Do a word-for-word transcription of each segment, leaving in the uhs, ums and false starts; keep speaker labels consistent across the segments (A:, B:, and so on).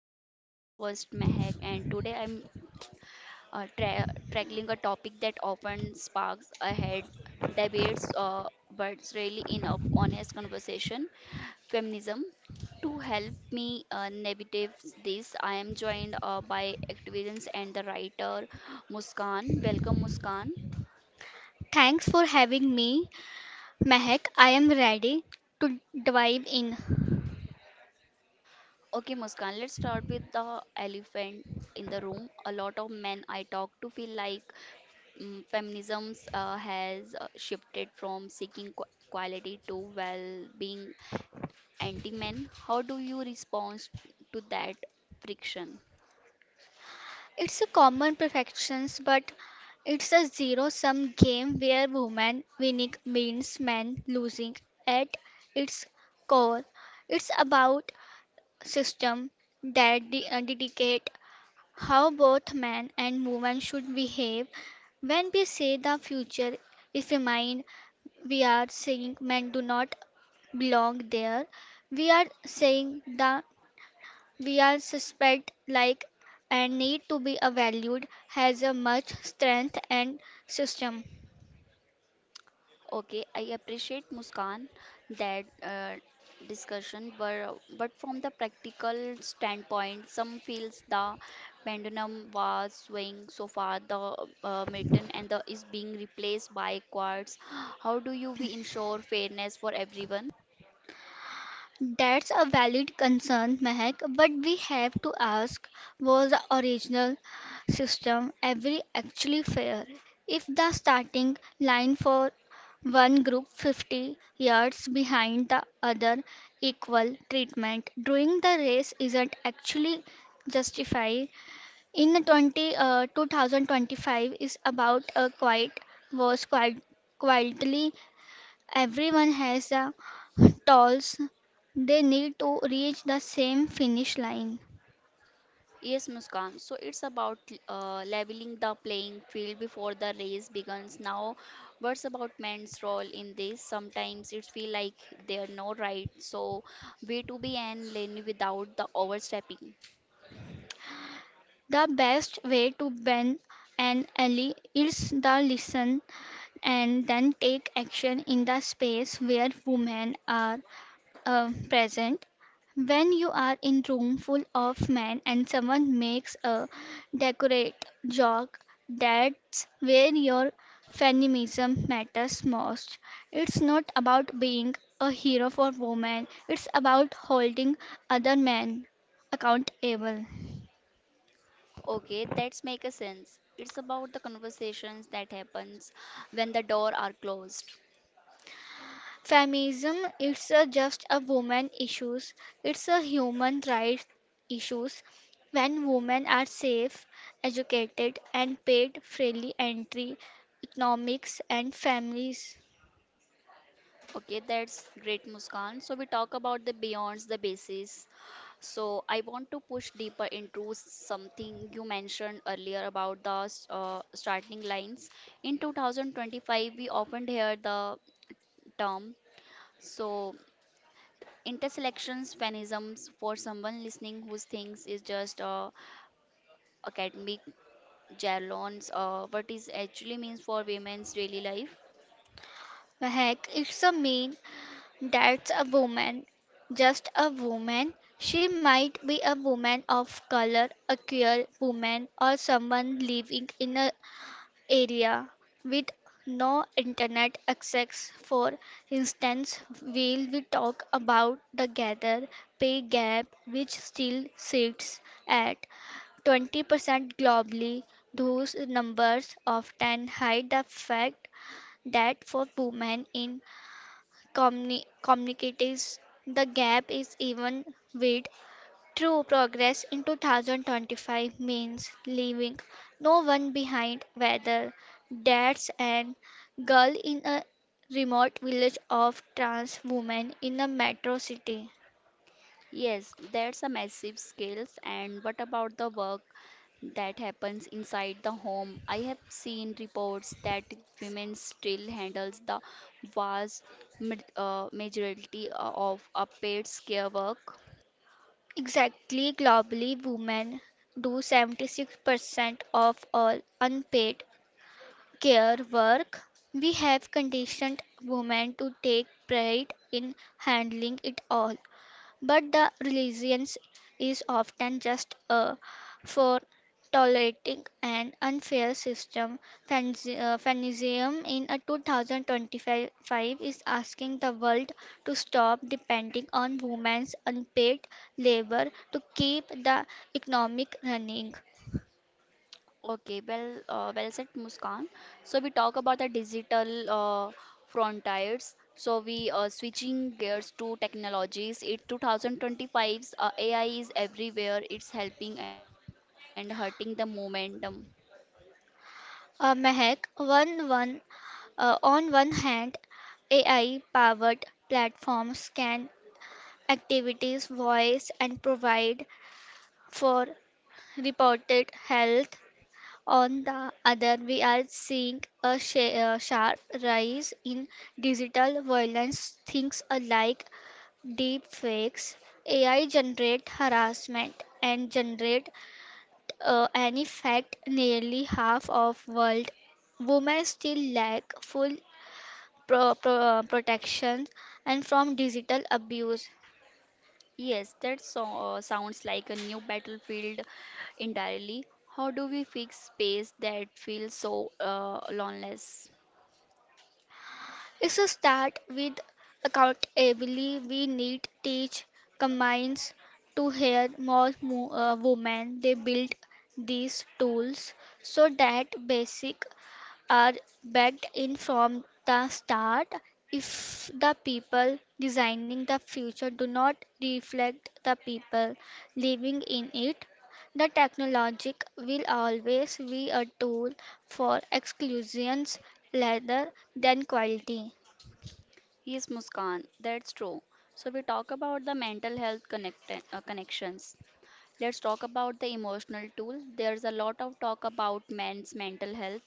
A: Areas. I am your host Mehak and today I'm uh, tra- tackling a topic that often sparks ahead debates, uh, but really in a honest conversation, feminism. To help me uh, navigate this, I am joined uh, by activists and the writer Muskan. Welcome Muskan.
B: Thanks for having me, Mehak. I am ready to dive in.
A: Okay, Muskan, let's start with the elephant in the room. A lot of men I talk to feel like mm, feminism uh, has uh, shifted from seeking qu- quality to well being anti men. How do you respond to that friction?
B: It's a common perfection, but it's a zero sum game where women winning means men losing. At its core, it's about system that de- uh, dedicate how both men and women should behave when we say the future is female, we are saying men do not belong there. We are saying that we are suspect like and need to be valued has a much strength and system.
A: Okay, I appreciate Muskan that uh, discussion, but but from the practical standpoint some feels the pendulum was swinging so far the uh, mitten and the is being replaced by quartz. How do you we ensure fairness for everyone?
B: That's a valid concern, Mehak, but we have to ask, was the original system ever actually fair? If the starting line for one group fifty yards behind the other, equal treatment during the race isn't actually justified in 20, uh, two thousand twenty-five is about a quiet was quite quietly. Everyone has a goals they need to reach the same finish line.
A: Yes, Muskan. So it's about uh, leveling the playing field before the race begins. Now, what's about men's role in this? Sometimes it feel like they are no right. So way to be and lane without the overstepping.
B: The best way to ban an ally is to listen and then take action in the space where women are uh, present. When you are in room full of men and someone makes a decorate joke, that's where your feminism matters most. It's not about being a hero for women, it's about holding other men accountable.
A: Okay, that's make a sense. It's about the conversations that happens when the door are closed.
B: Feminism is a just a woman issues. It's a human rights issues. When women are safe, educated and paid fairly entry economics and families.
A: Okay, that's great, Muskan. So we talk about the beyonds the basis. So I want to push deeper into something you mentioned earlier about the uh, starting lines. In two thousand twenty-five, we often hear the term so interselections feminisms for someone listening who thinks is just uh, academic jargons. Uh, what is actually means for women's daily life?
B: Heck, it's a mean that's a woman. Just a woman. She might be a woman of color, a queer woman, or someone living in a area with no internet access. For instance, will we talk about the gather pay gap which still sits at twenty percent globally. Those numbers often hide the fact that for women in communi- communities, the gap is even wide. True progress in two thousand twenty-five means leaving no one behind, whether that's an girl in a remote village or trans women in a metro city.
A: Yes, that's a massive scales. And what about the work that happens inside the home? I have seen reports that women still handles the vast ma- uh, majority uh, of a paid's care work.
B: Exactly, globally, women do seventy-six percent of all unpaid care work. We have conditioned women to take pride in handling it all. But the religion is often just a for tolerating an unfair system. Fanzi- uh, Feminism in a two thousand twenty-five is asking the world to stop depending on women's unpaid labor to keep the economic running.
A: Okay, well, uh, well said, Muskan. So we talk about the digital uh, frontiers. So we uh, switching gears to technologies. It two thousand twenty-five's uh, A I is everywhere. It's helping and hurting the momentum.
B: Uh, Mehak, one, one, uh, on one hand, A I powered platforms can activities voice and provide for reported health. On the other, we are seeing a sha- uh, sharp rise in digital violence, things like deep fakes, A I generate harassment, and generate uh, an effect. Nearly half of world women still lack full pro- pro- uh, protection and from digital abuse.
A: Yes, that so- uh, sounds like a new battlefield entirely. How do we fix space that feels so uh, loneless?
B: It's a start with accountability. We need teach companies to hire more mo- uh, women. They build these tools so that basic are backed in from the start. If the people designing the future do not reflect the people living in it, the technology will always be a tool for exclusions rather than quality.
A: Yes, Muskan, that's true. So we talk about the mental health connect uh, connections. Let's talk about the emotional tool. There's a lot of talk about men's mental health,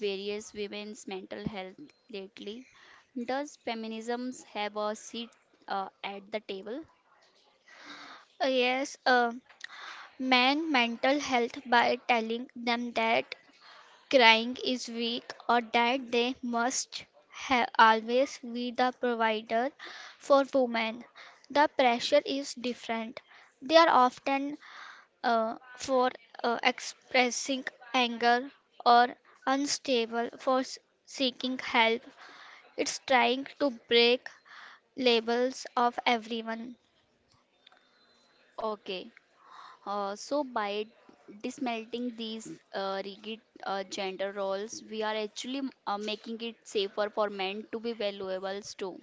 A: various women's mental health lately. Does feminism have a seat uh, at the table?
B: Uh, Yes, uh, man mental health by telling them that crying is weak or that they must ha- always be the provider for women. The pressure is different. They are often uh, for uh, expressing anger or unstable for s- seeking help. It's trying to break labels of everyone.
A: Okay. Uh, so, by dismantling these uh, rigid uh, gender roles, we are actually uh, making it safer for men to be valuables too.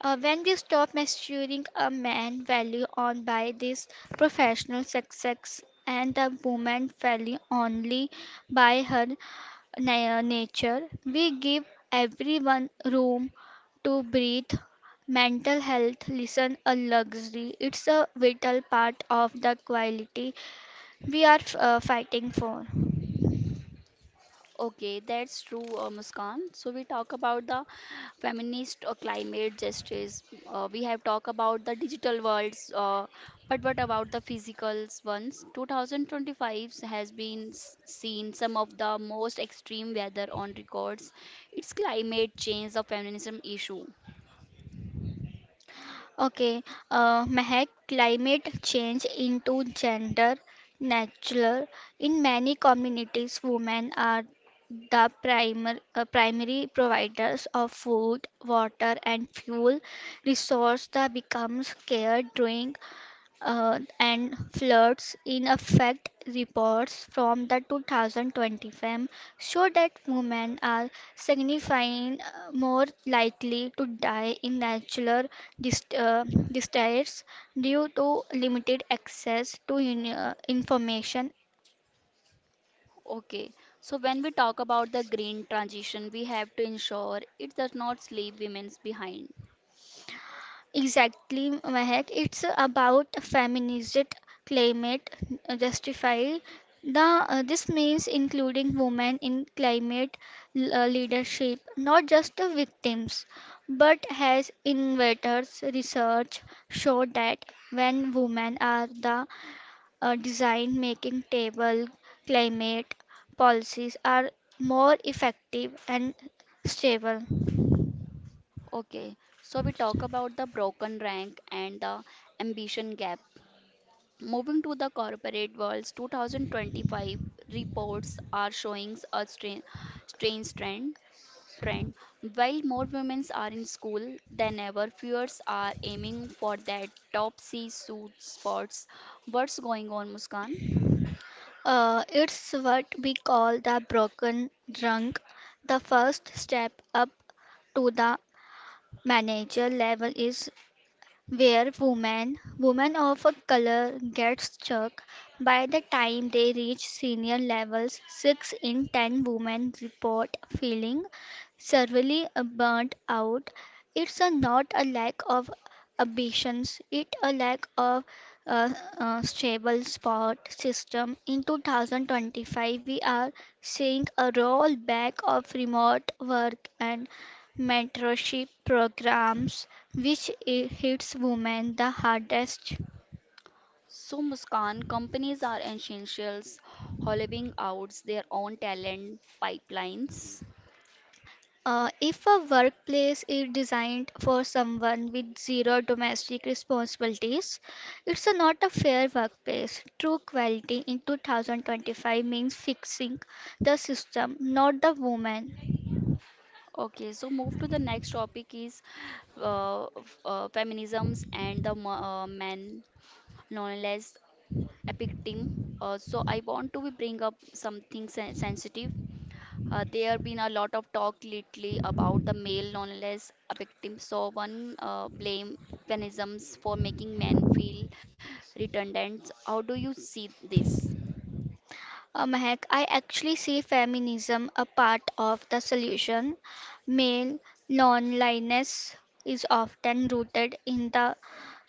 B: Uh, when we stop measuring a man's value on by this professional success and a woman's value only by her na- nature, we give everyone room to breathe. Mental health listen a luxury. It's a vital part of the quality we are uh, fighting for.
A: Okay, that's true, uh, Muskan. So, we talk about the feminist uh, climate justice. Uh, we have talked about the digital worlds, uh, but what about the physical ones? twenty twenty-five has been s- seen some of the most extreme weather on records. It's climate change, a feminism issue.
B: Okay, uh, Mehak, climate change into gender natural. In many communities, women are the primer, uh, primary providers of food, water, and fuel resource that becomes scarce during uh, and floods in effect reports from the two thousand twenty fem show that women are signifying uh, more likely to die in natural dist- uh, disasters due to limited access to in- uh, information.
A: Okay, so when we talk about the green transition, we have to ensure it does not leave women behind.
B: Exactly, Mehak. It's about feminism, climate uh, justify. The uh, this means including women in climate l- uh, leadership, not just the victims, but has innovators. Research show that when women are the uh, design making table, climate policies are more effective and stable.
A: Okay, so we talk about the broken rank and the ambition gap. Moving to the corporate world's two thousand twenty-five reports are showing a strain, strange trend. Trend. While more women are in school than ever, viewers are aiming for that top C suit spots. What's going on, Muskan?
B: Uh, it's what we call the broken rung. The first step up to the manager level is where women women of a color get stuck. By the time they reach senior levels, six in ten women report feeling severely uh, burnt out. It's a not a lack of ambitions, it a lack of a, uh stable sport system. In two thousand twenty-five we are seeing a rollback of remote work and mentorship programs which i- hits women the hardest.
A: So, Muskan, companies are essentials, hollowing out their own talent pipelines.
B: Uh, if a workplace is designed for someone with zero domestic responsibilities, it's a not a fair workplace. True equality in twenty twenty-five means fixing the system, not the woman.
A: Okay, so move to the next topic is uh, f- uh, feminisms and the mo- uh, men nonetheless epic team. Uh, so I want to bring up something sen- sensitive. Uh, there have been a lot of talk lately about the male nonetheless victim. So one uh, blame feminisms for making men feel redundant. How do you see this?
B: Uh, Mahak, I actually see feminism a part of the solution. Male non-linearness is often rooted in the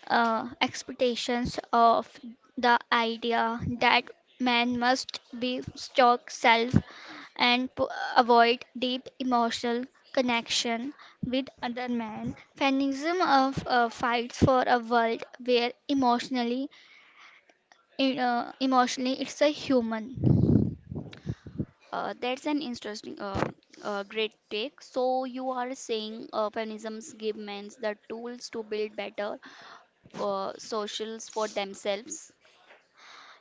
B: uh, expectations of the idea that man must be stock self and p- avoid deep emotional connection with other men. Feminism of uh, fights for a world where emotionally, uh, emotionally it's a human.
A: Uh, that's an interesting, uh, uh, great take. So you are saying uh, feminisms give men the tools to build better uh, socials for themselves.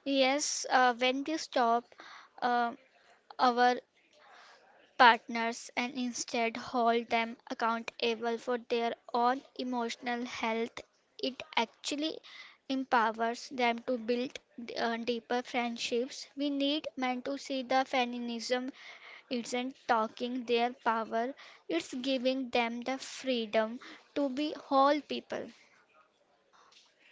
B: Yes, uh, when we stop uh, our partners and instead hold them accountable for their own emotional health, it actually empowers them to build uh, deeper friendships. We need men to see the feminism isn't talking their power, it's giving them the freedom to be whole people.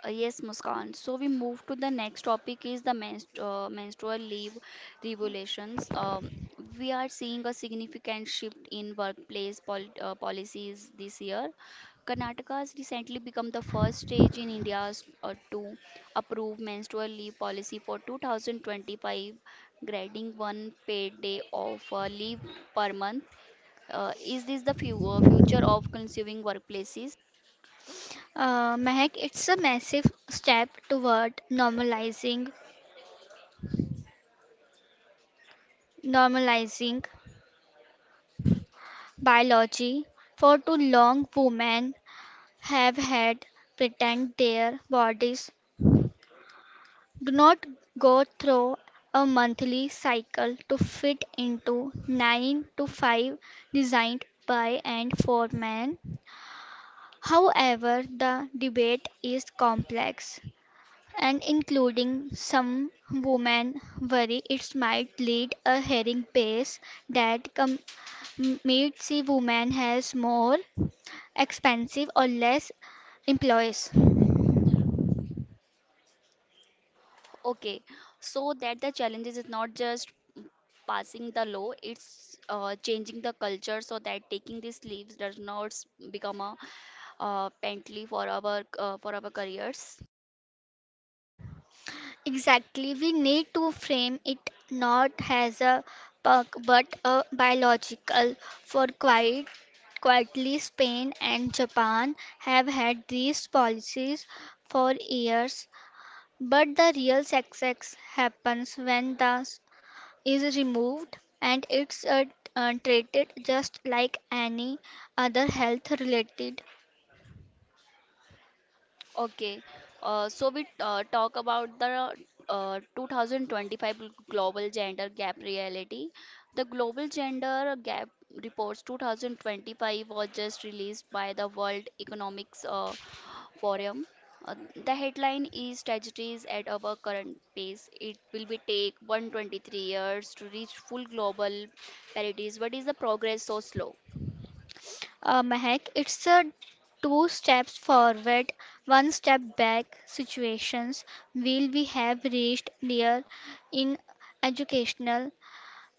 A: Uh, yes, Muskan. So we move to the next topic is the menstru uh, menstrual leave revolutions. Um, we are seeing a significant shift in workplace pol uh, policies this year. Karnataka has recently become the first stage in India uh, to approve menstrual leave policy for two thousand twenty-five, granting one paid day of uh, leave per month. Uh, is this the fu- uh, future of consuming workplaces?
B: Uh, Mehak, it's a massive step toward normalizing normalizing biology. For too long, women have had pretend their bodies do not go through a monthly cycle to fit into nine to five designed by and for men. However, the debate is complex and including some women worry it might lead a herring pace that com- m- meets the woman has more expensive or less employees.
A: Okay, so that the challenges is not just passing the law, it's uh, changing the culture so that taking these leaves does not s- become a uh, penalty for our uh, for our careers.
B: Exactly, we need to frame it not as a perk but a biological for quite quietly. Spain and Japan have had these policies for years. But the real success happens when the s- is removed and it's uh, uh, treated just like any other health related
A: Okay, uh, so we uh, talk about the uh, two thousand twenty-five global gender gap reality. The global gender gap reports twenty twenty-five was just released by the World Economics uh, Forum. Uh, the headline is Strategies at our current pace. It will be take one hundred twenty-three years to reach full global parity. What is the progress so slow?
B: uh, mahek. It's a two steps forward, one step back situations will we have reached near in educational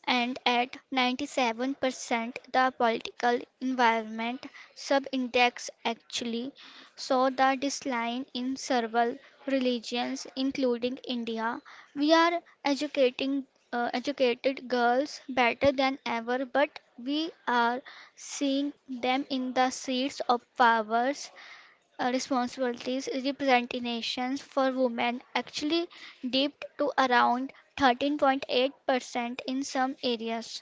B: and at ninety-seven percent, the political environment subindex actually saw the decline in several religions, including India. We are educating uh, educated girls better than ever, but we are seeing them in the seats of powers uh, responsibilities representations for women actually dipped to around thirteen point eight percent in some areas.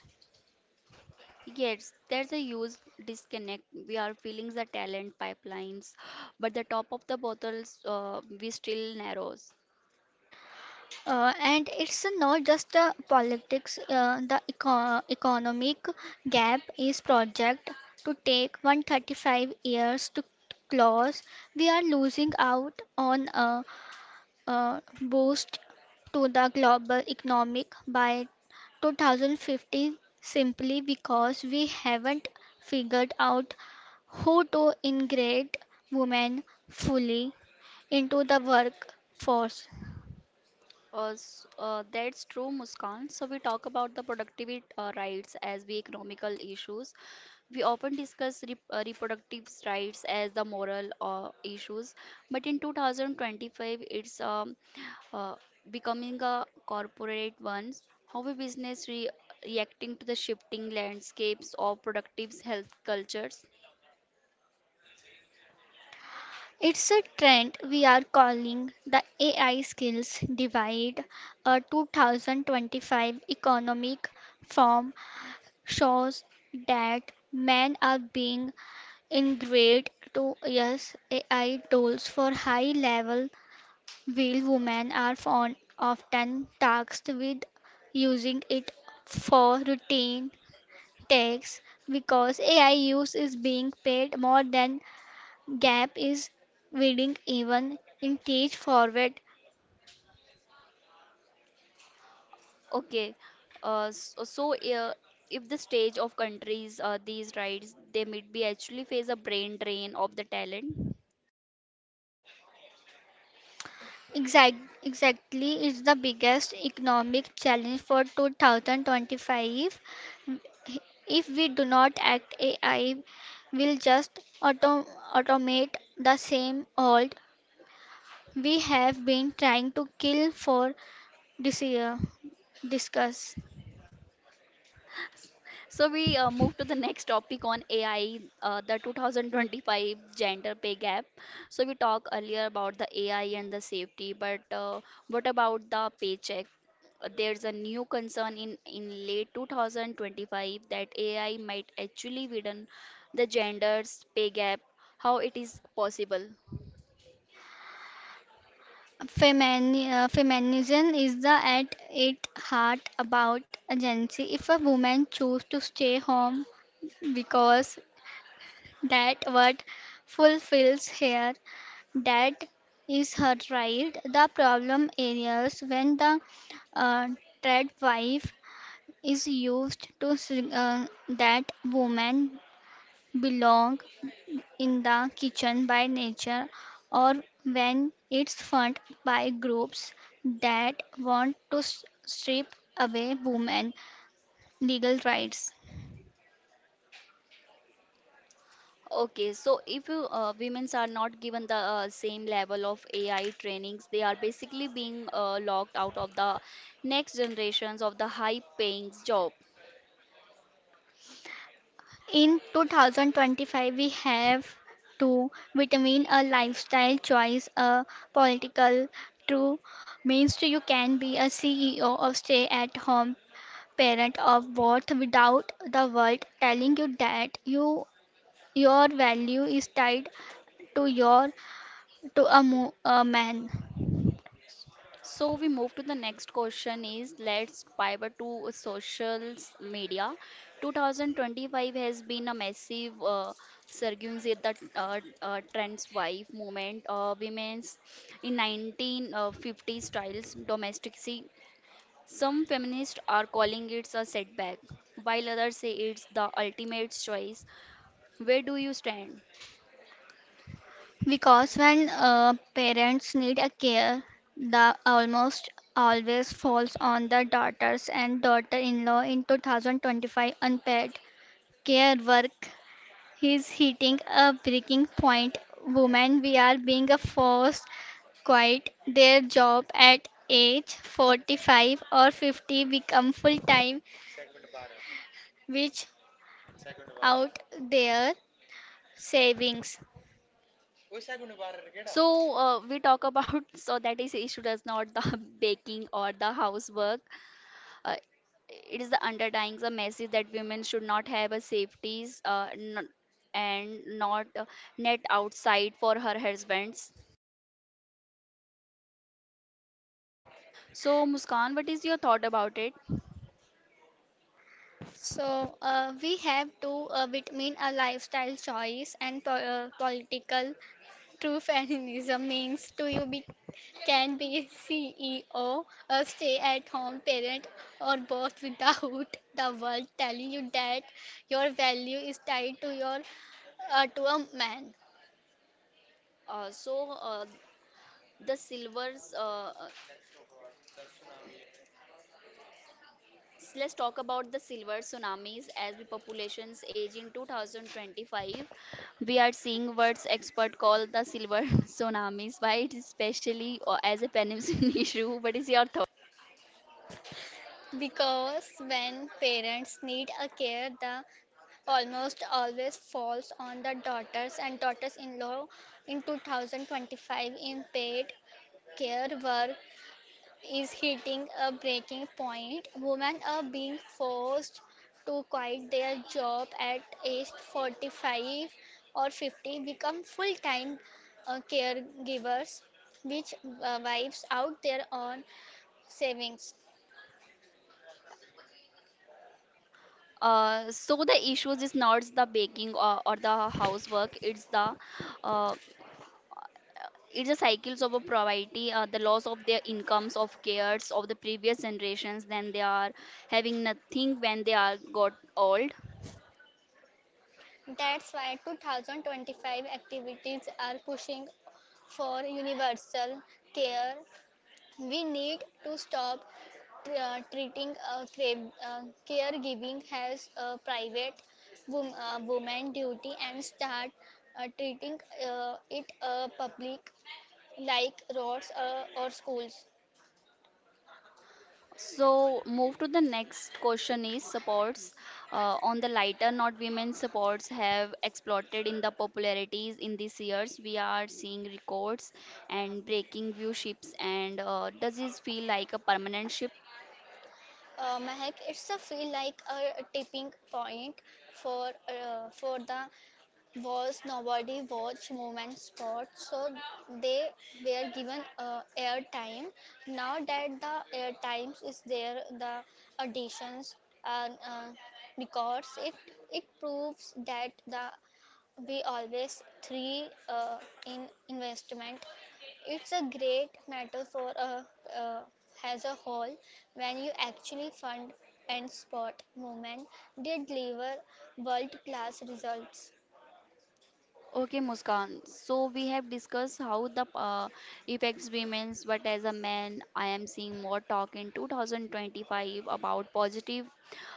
A: Yes, there's a huge disconnect. We are filling the talent pipelines, but the top of the bottles uh, we still narrow.s
B: Uh, and it's not just the politics, uh, the eco- economic gap is project to take one hundred thirty-five years to close. We are losing out on a, a boost to the global economic by two thousand fifty simply because we haven't figured out how to integrate women fully into the workforce.
A: Uh, s- uh, that's true, Muskan. So we talk about the productivity uh, rights as the economical issues. We often discuss re- uh, reproductive rights as the moral uh, issues, but in two thousand twenty-five, it's um, uh, becoming a corporate ones. How a business re- reacting to the shifting landscapes of productive health cultures?
B: It's a trend we are calling the A I skills divide, a two thousand twenty-five economic form shows that men are being ingrained to use A I tools for high level, while women are on, often tasked with using it for routine tasks because A I use is being paid more than gap is widening even in teach forward.
A: Okay, uh, so, so uh, if the stage of countries uh, these rights they might be actually face a brain drain of the talent.
B: Exact, exactly is the biggest economic challenge for two thousand twenty-five. If we do not act, A I will just auto, automate the same old we have been trying to kill for this year. Discuss.
A: So we uh, move to the next topic on A I, uh, the two thousand twenty-five gender pay gap. So we talked earlier about the A I and the safety, but uh, what about the paycheck? Uh, There's a new concern in, in late two thousand twenty-five that A I might actually widen the gender's pay gap. How it is possible?
B: Femini- uh, feminism is the at its heart about agency. If a woman chooses to stay home because that what fulfills her, that is her right. The problem areas when the uh, trad wife is used to sig- uh, that woman belong in the kitchen by nature or when it's funded by groups that want to s- strip away women legal rights.
A: Okay, so if you uh, women's are not given the uh, same level of A I trainings, they are basically being uh, locked out of the next generations of the high-paying job.
B: In twenty twenty-five, we have to between a lifestyle choice, a political true means to you can be a C E O of stay-at-home parent of both without the world telling you that you your value is tied to your to a, mo- a man.
A: So we move to the next question is let's pivot to social media. twenty twenty-five has been a massive uh, surgings with the uh, uh, trends wife movement. Uh, women's in nineteen fifties styles domesticity. Some feminists are calling it a setback, while others say it's the ultimate choice. Where do you stand?
B: Because when uh, parents need a care, the almost always falls on the daughters and daughter-in-law in two thousand twenty-five unpaid care work is hitting a breaking point. Women we are being forced quit their job at age forty-five or fifty become full-time which out their savings.
A: So uh, we talk about so that is issue does not the baking or the housework. Uh, it is the underlying the message that women should not have a safeties uh, n- and not uh, net outside for her husbands. So Muskan, what is your thought about it?
B: So uh, we have to uh, between a lifestyle choice and po- uh, political. True feminism means to you be can be C E O, a stay-at-home parent, or both without the world telling you that your value is tied to your uh, to a man.
A: Uh, so uh, the silvers. Uh, So let's talk about the silver tsunamis as the populations age in two thousand twenty-five. We are seeing what experts call the silver tsunamis. Why it is especially uh, as a penicillin issue? What is your thought?
B: Because when parents need a care, the almost always falls on the daughters and daughters-in-law. In two thousand twenty-five, in paid care work is hitting a breaking point. Women are being forced to quit their job at age forty-five or fifty, become full time uh, caregivers, which uh, wipes out their own savings.
A: Uh, so the issues is not the baking or, or the housework. It's the uh, it's the cycles of a poverty, uh, the loss of their incomes, of cares of the previous generations. Then they are having nothing when they are got old.
B: That's why twenty twenty-five activities are pushing for universal care. We need to stop tr- uh, treating uh, cra- uh, caregiving as a private wom- uh, woman duty and start uh, treating uh, it uh, public like roads uh, or schools.
A: So, move to the next question is supports. Uh, on the lighter note, women supports have exploded in the popularities in these years. We are seeing records and breaking viewerships. And uh, does this feel like a permanent shift?
B: Uh, Mahak, it's a feel like a tipping point for uh, for the was nobody watch movement sports, so they were given uh, airtime. Now that the airtime is there, the auditions uh, uh, because it it proves that the we always three uh, in investment. It's a great matter for a uh, as a whole. When you actually fund and sport movement, they deliver world class results.
A: Okay, Muskan. So we have discussed how the uh, affects women's, but as a man, I am seeing more talk in two thousand twenty-five about positive.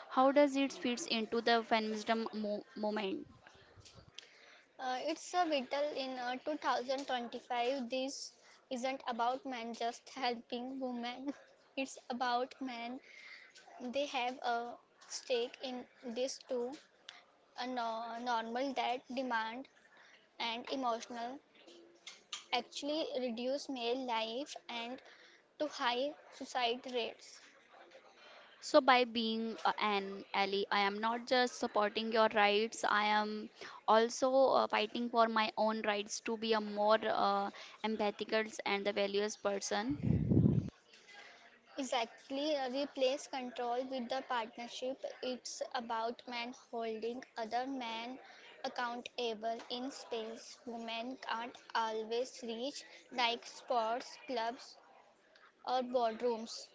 A: How does it fits into the feminism mo- movement?
B: Uh, it's a vital in uh, two thousand twenty-five. This isn't about men just helping women. It's about men. They have a stake in this too. A no- normal that demand and emotional actually reduce male life and to high suicide rates.
A: So, by being uh, an ally, I am not just supporting your rights, I am also uh, fighting for my own rights to be a more uh, empathic and the values person.
B: Exactly, uh, replace control with the partnership. It's about men holding other men accountable in space. Women can't always reach like sports clubs or boardrooms.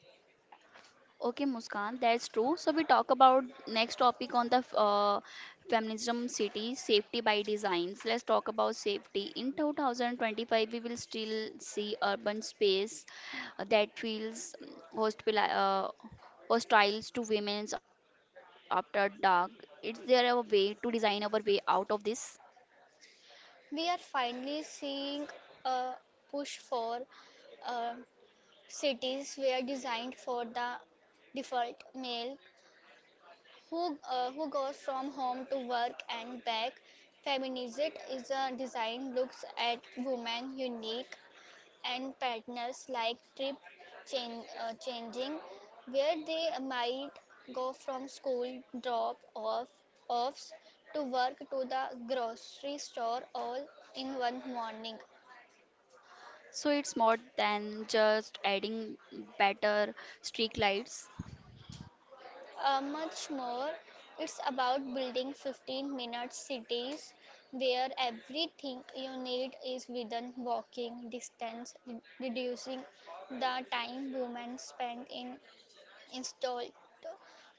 A: Okay, Muskan, that's true. So, we talk about next topic on the f- uh, feminism city safety by designs. Let's talk about safety. In twenty twenty-five, we will still see urban space uh, that feels mm, hospitali- uh, hostiles to women's after dark. Is there a way to design our way out of this?
B: We are finally seeing a push for uh, cities were designed for the default male who, uh, who goes from home to work and back. Feminism is a design looks at women unique and partners like trip change, uh, changing, where they might go from school drop off offs to work to the grocery store all in one morning.
A: So it's more than just adding better streak lights.
B: Uh, much more, it's about building fifteen minute cities where everything you need is within walking distance, re- reducing the time women spend in installed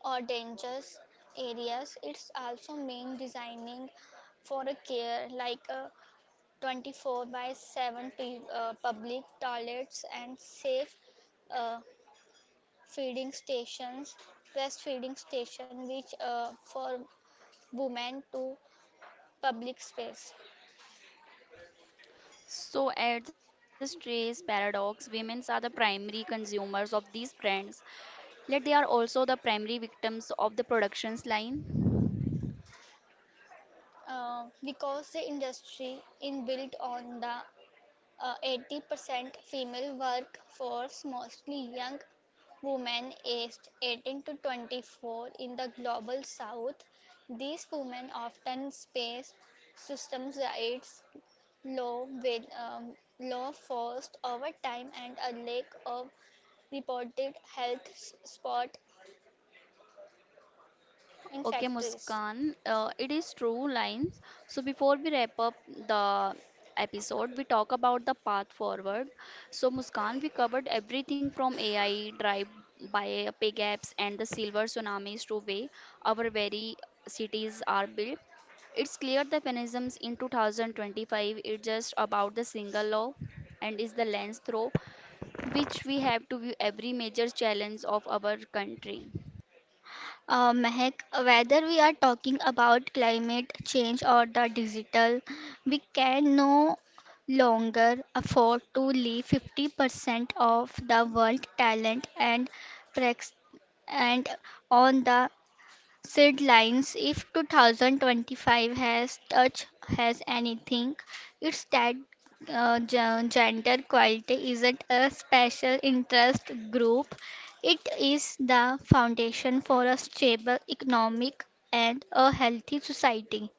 B: or dangerous areas. It's also mean designing for a care like uh, twenty-four by seven p- uh, public toilets and safe uh, feeding stations, breastfeeding station, which uh, for women to public space.
A: So at the Strays Paradox, women are the primary consumers of these brands, yet they are also the primary victims of the production's line.
B: Uh, because the industry is built on the uh, eighty percent female workforce, mostly young women aged eighteen to twenty-four in the global south, these women often face systems rights, low, with, um, low forced overtime and a lack of reported health s- spot in
A: Okay,
B: factories.
A: Muskan, uh, it is true lines. So before we wrap up the episode, we talk about the path forward. So Muskan, we covered everything from A I drive by pay gaps and the silver tsunamis to way our very cities are built. It's clear the mechanisms in two thousand twenty-five is just about the single law and is the lens through which we have to view every major challenge of our country.
B: Uh, Mehak, whether we are talking about climate change or the digital, we can no longer afford to leave fifty percent of the world talent and prex- and on the Sid lines. If two thousand twenty-five has touch has anything, it's that uh, gen- gender equality isn't a special interest group, it is the foundation for a stable economic and a healthy society.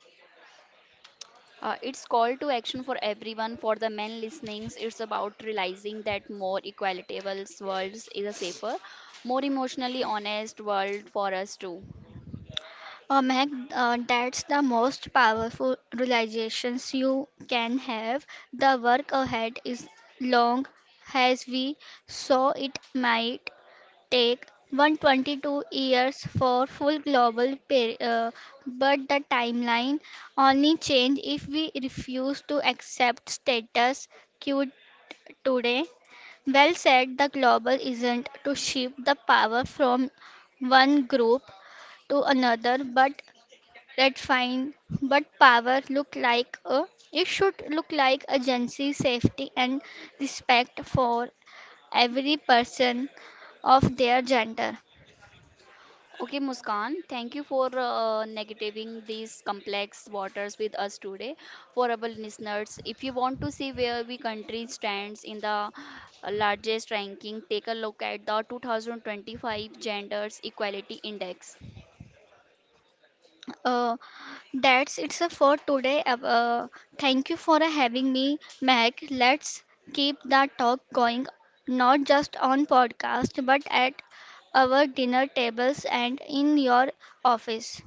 A: Uh, it's call to action for everyone. For the men listenings, it's about realizing that more equitable worlds is a safer, more emotionally honest world for us too.
B: uh, Mac, uh, that's the most powerful realizations you can have. The work ahead is long. As we saw, it might take one hundred twenty-two years for full global par- uh, but the timeline only change if we refuse to accept status quo today. Well said, the global isn't to shift the power from one group to another but redefine but power look like a it should look like agency safety and respect for every person of their gender.
A: Okay, Muskan, thank you for uh, negativing these complex waters with us today. For our listeners, if you want to see where we country stands in the uh, largest ranking, take a look at the two thousand twenty-five Genders Equality Index.
B: Uh, that's it's a for today. Uh, thank you for having me, Mac. Let's keep the talk going, not just on podcast, but at our dinner tables and in your office.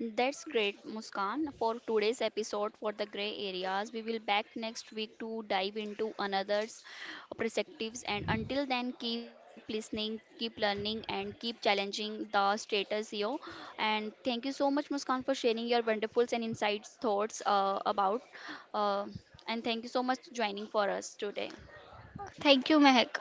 A: That's great, Muskan. For today's episode for the gray areas, we will back next week to dive into another's perspectives. And until then, keep listening, keep learning, and keep challenging the status quo. And thank you so much, Muskan, for sharing your wonderful and insights thoughts uh, about. Uh, and thank you so much joining for us today.
B: Thank you, Mac.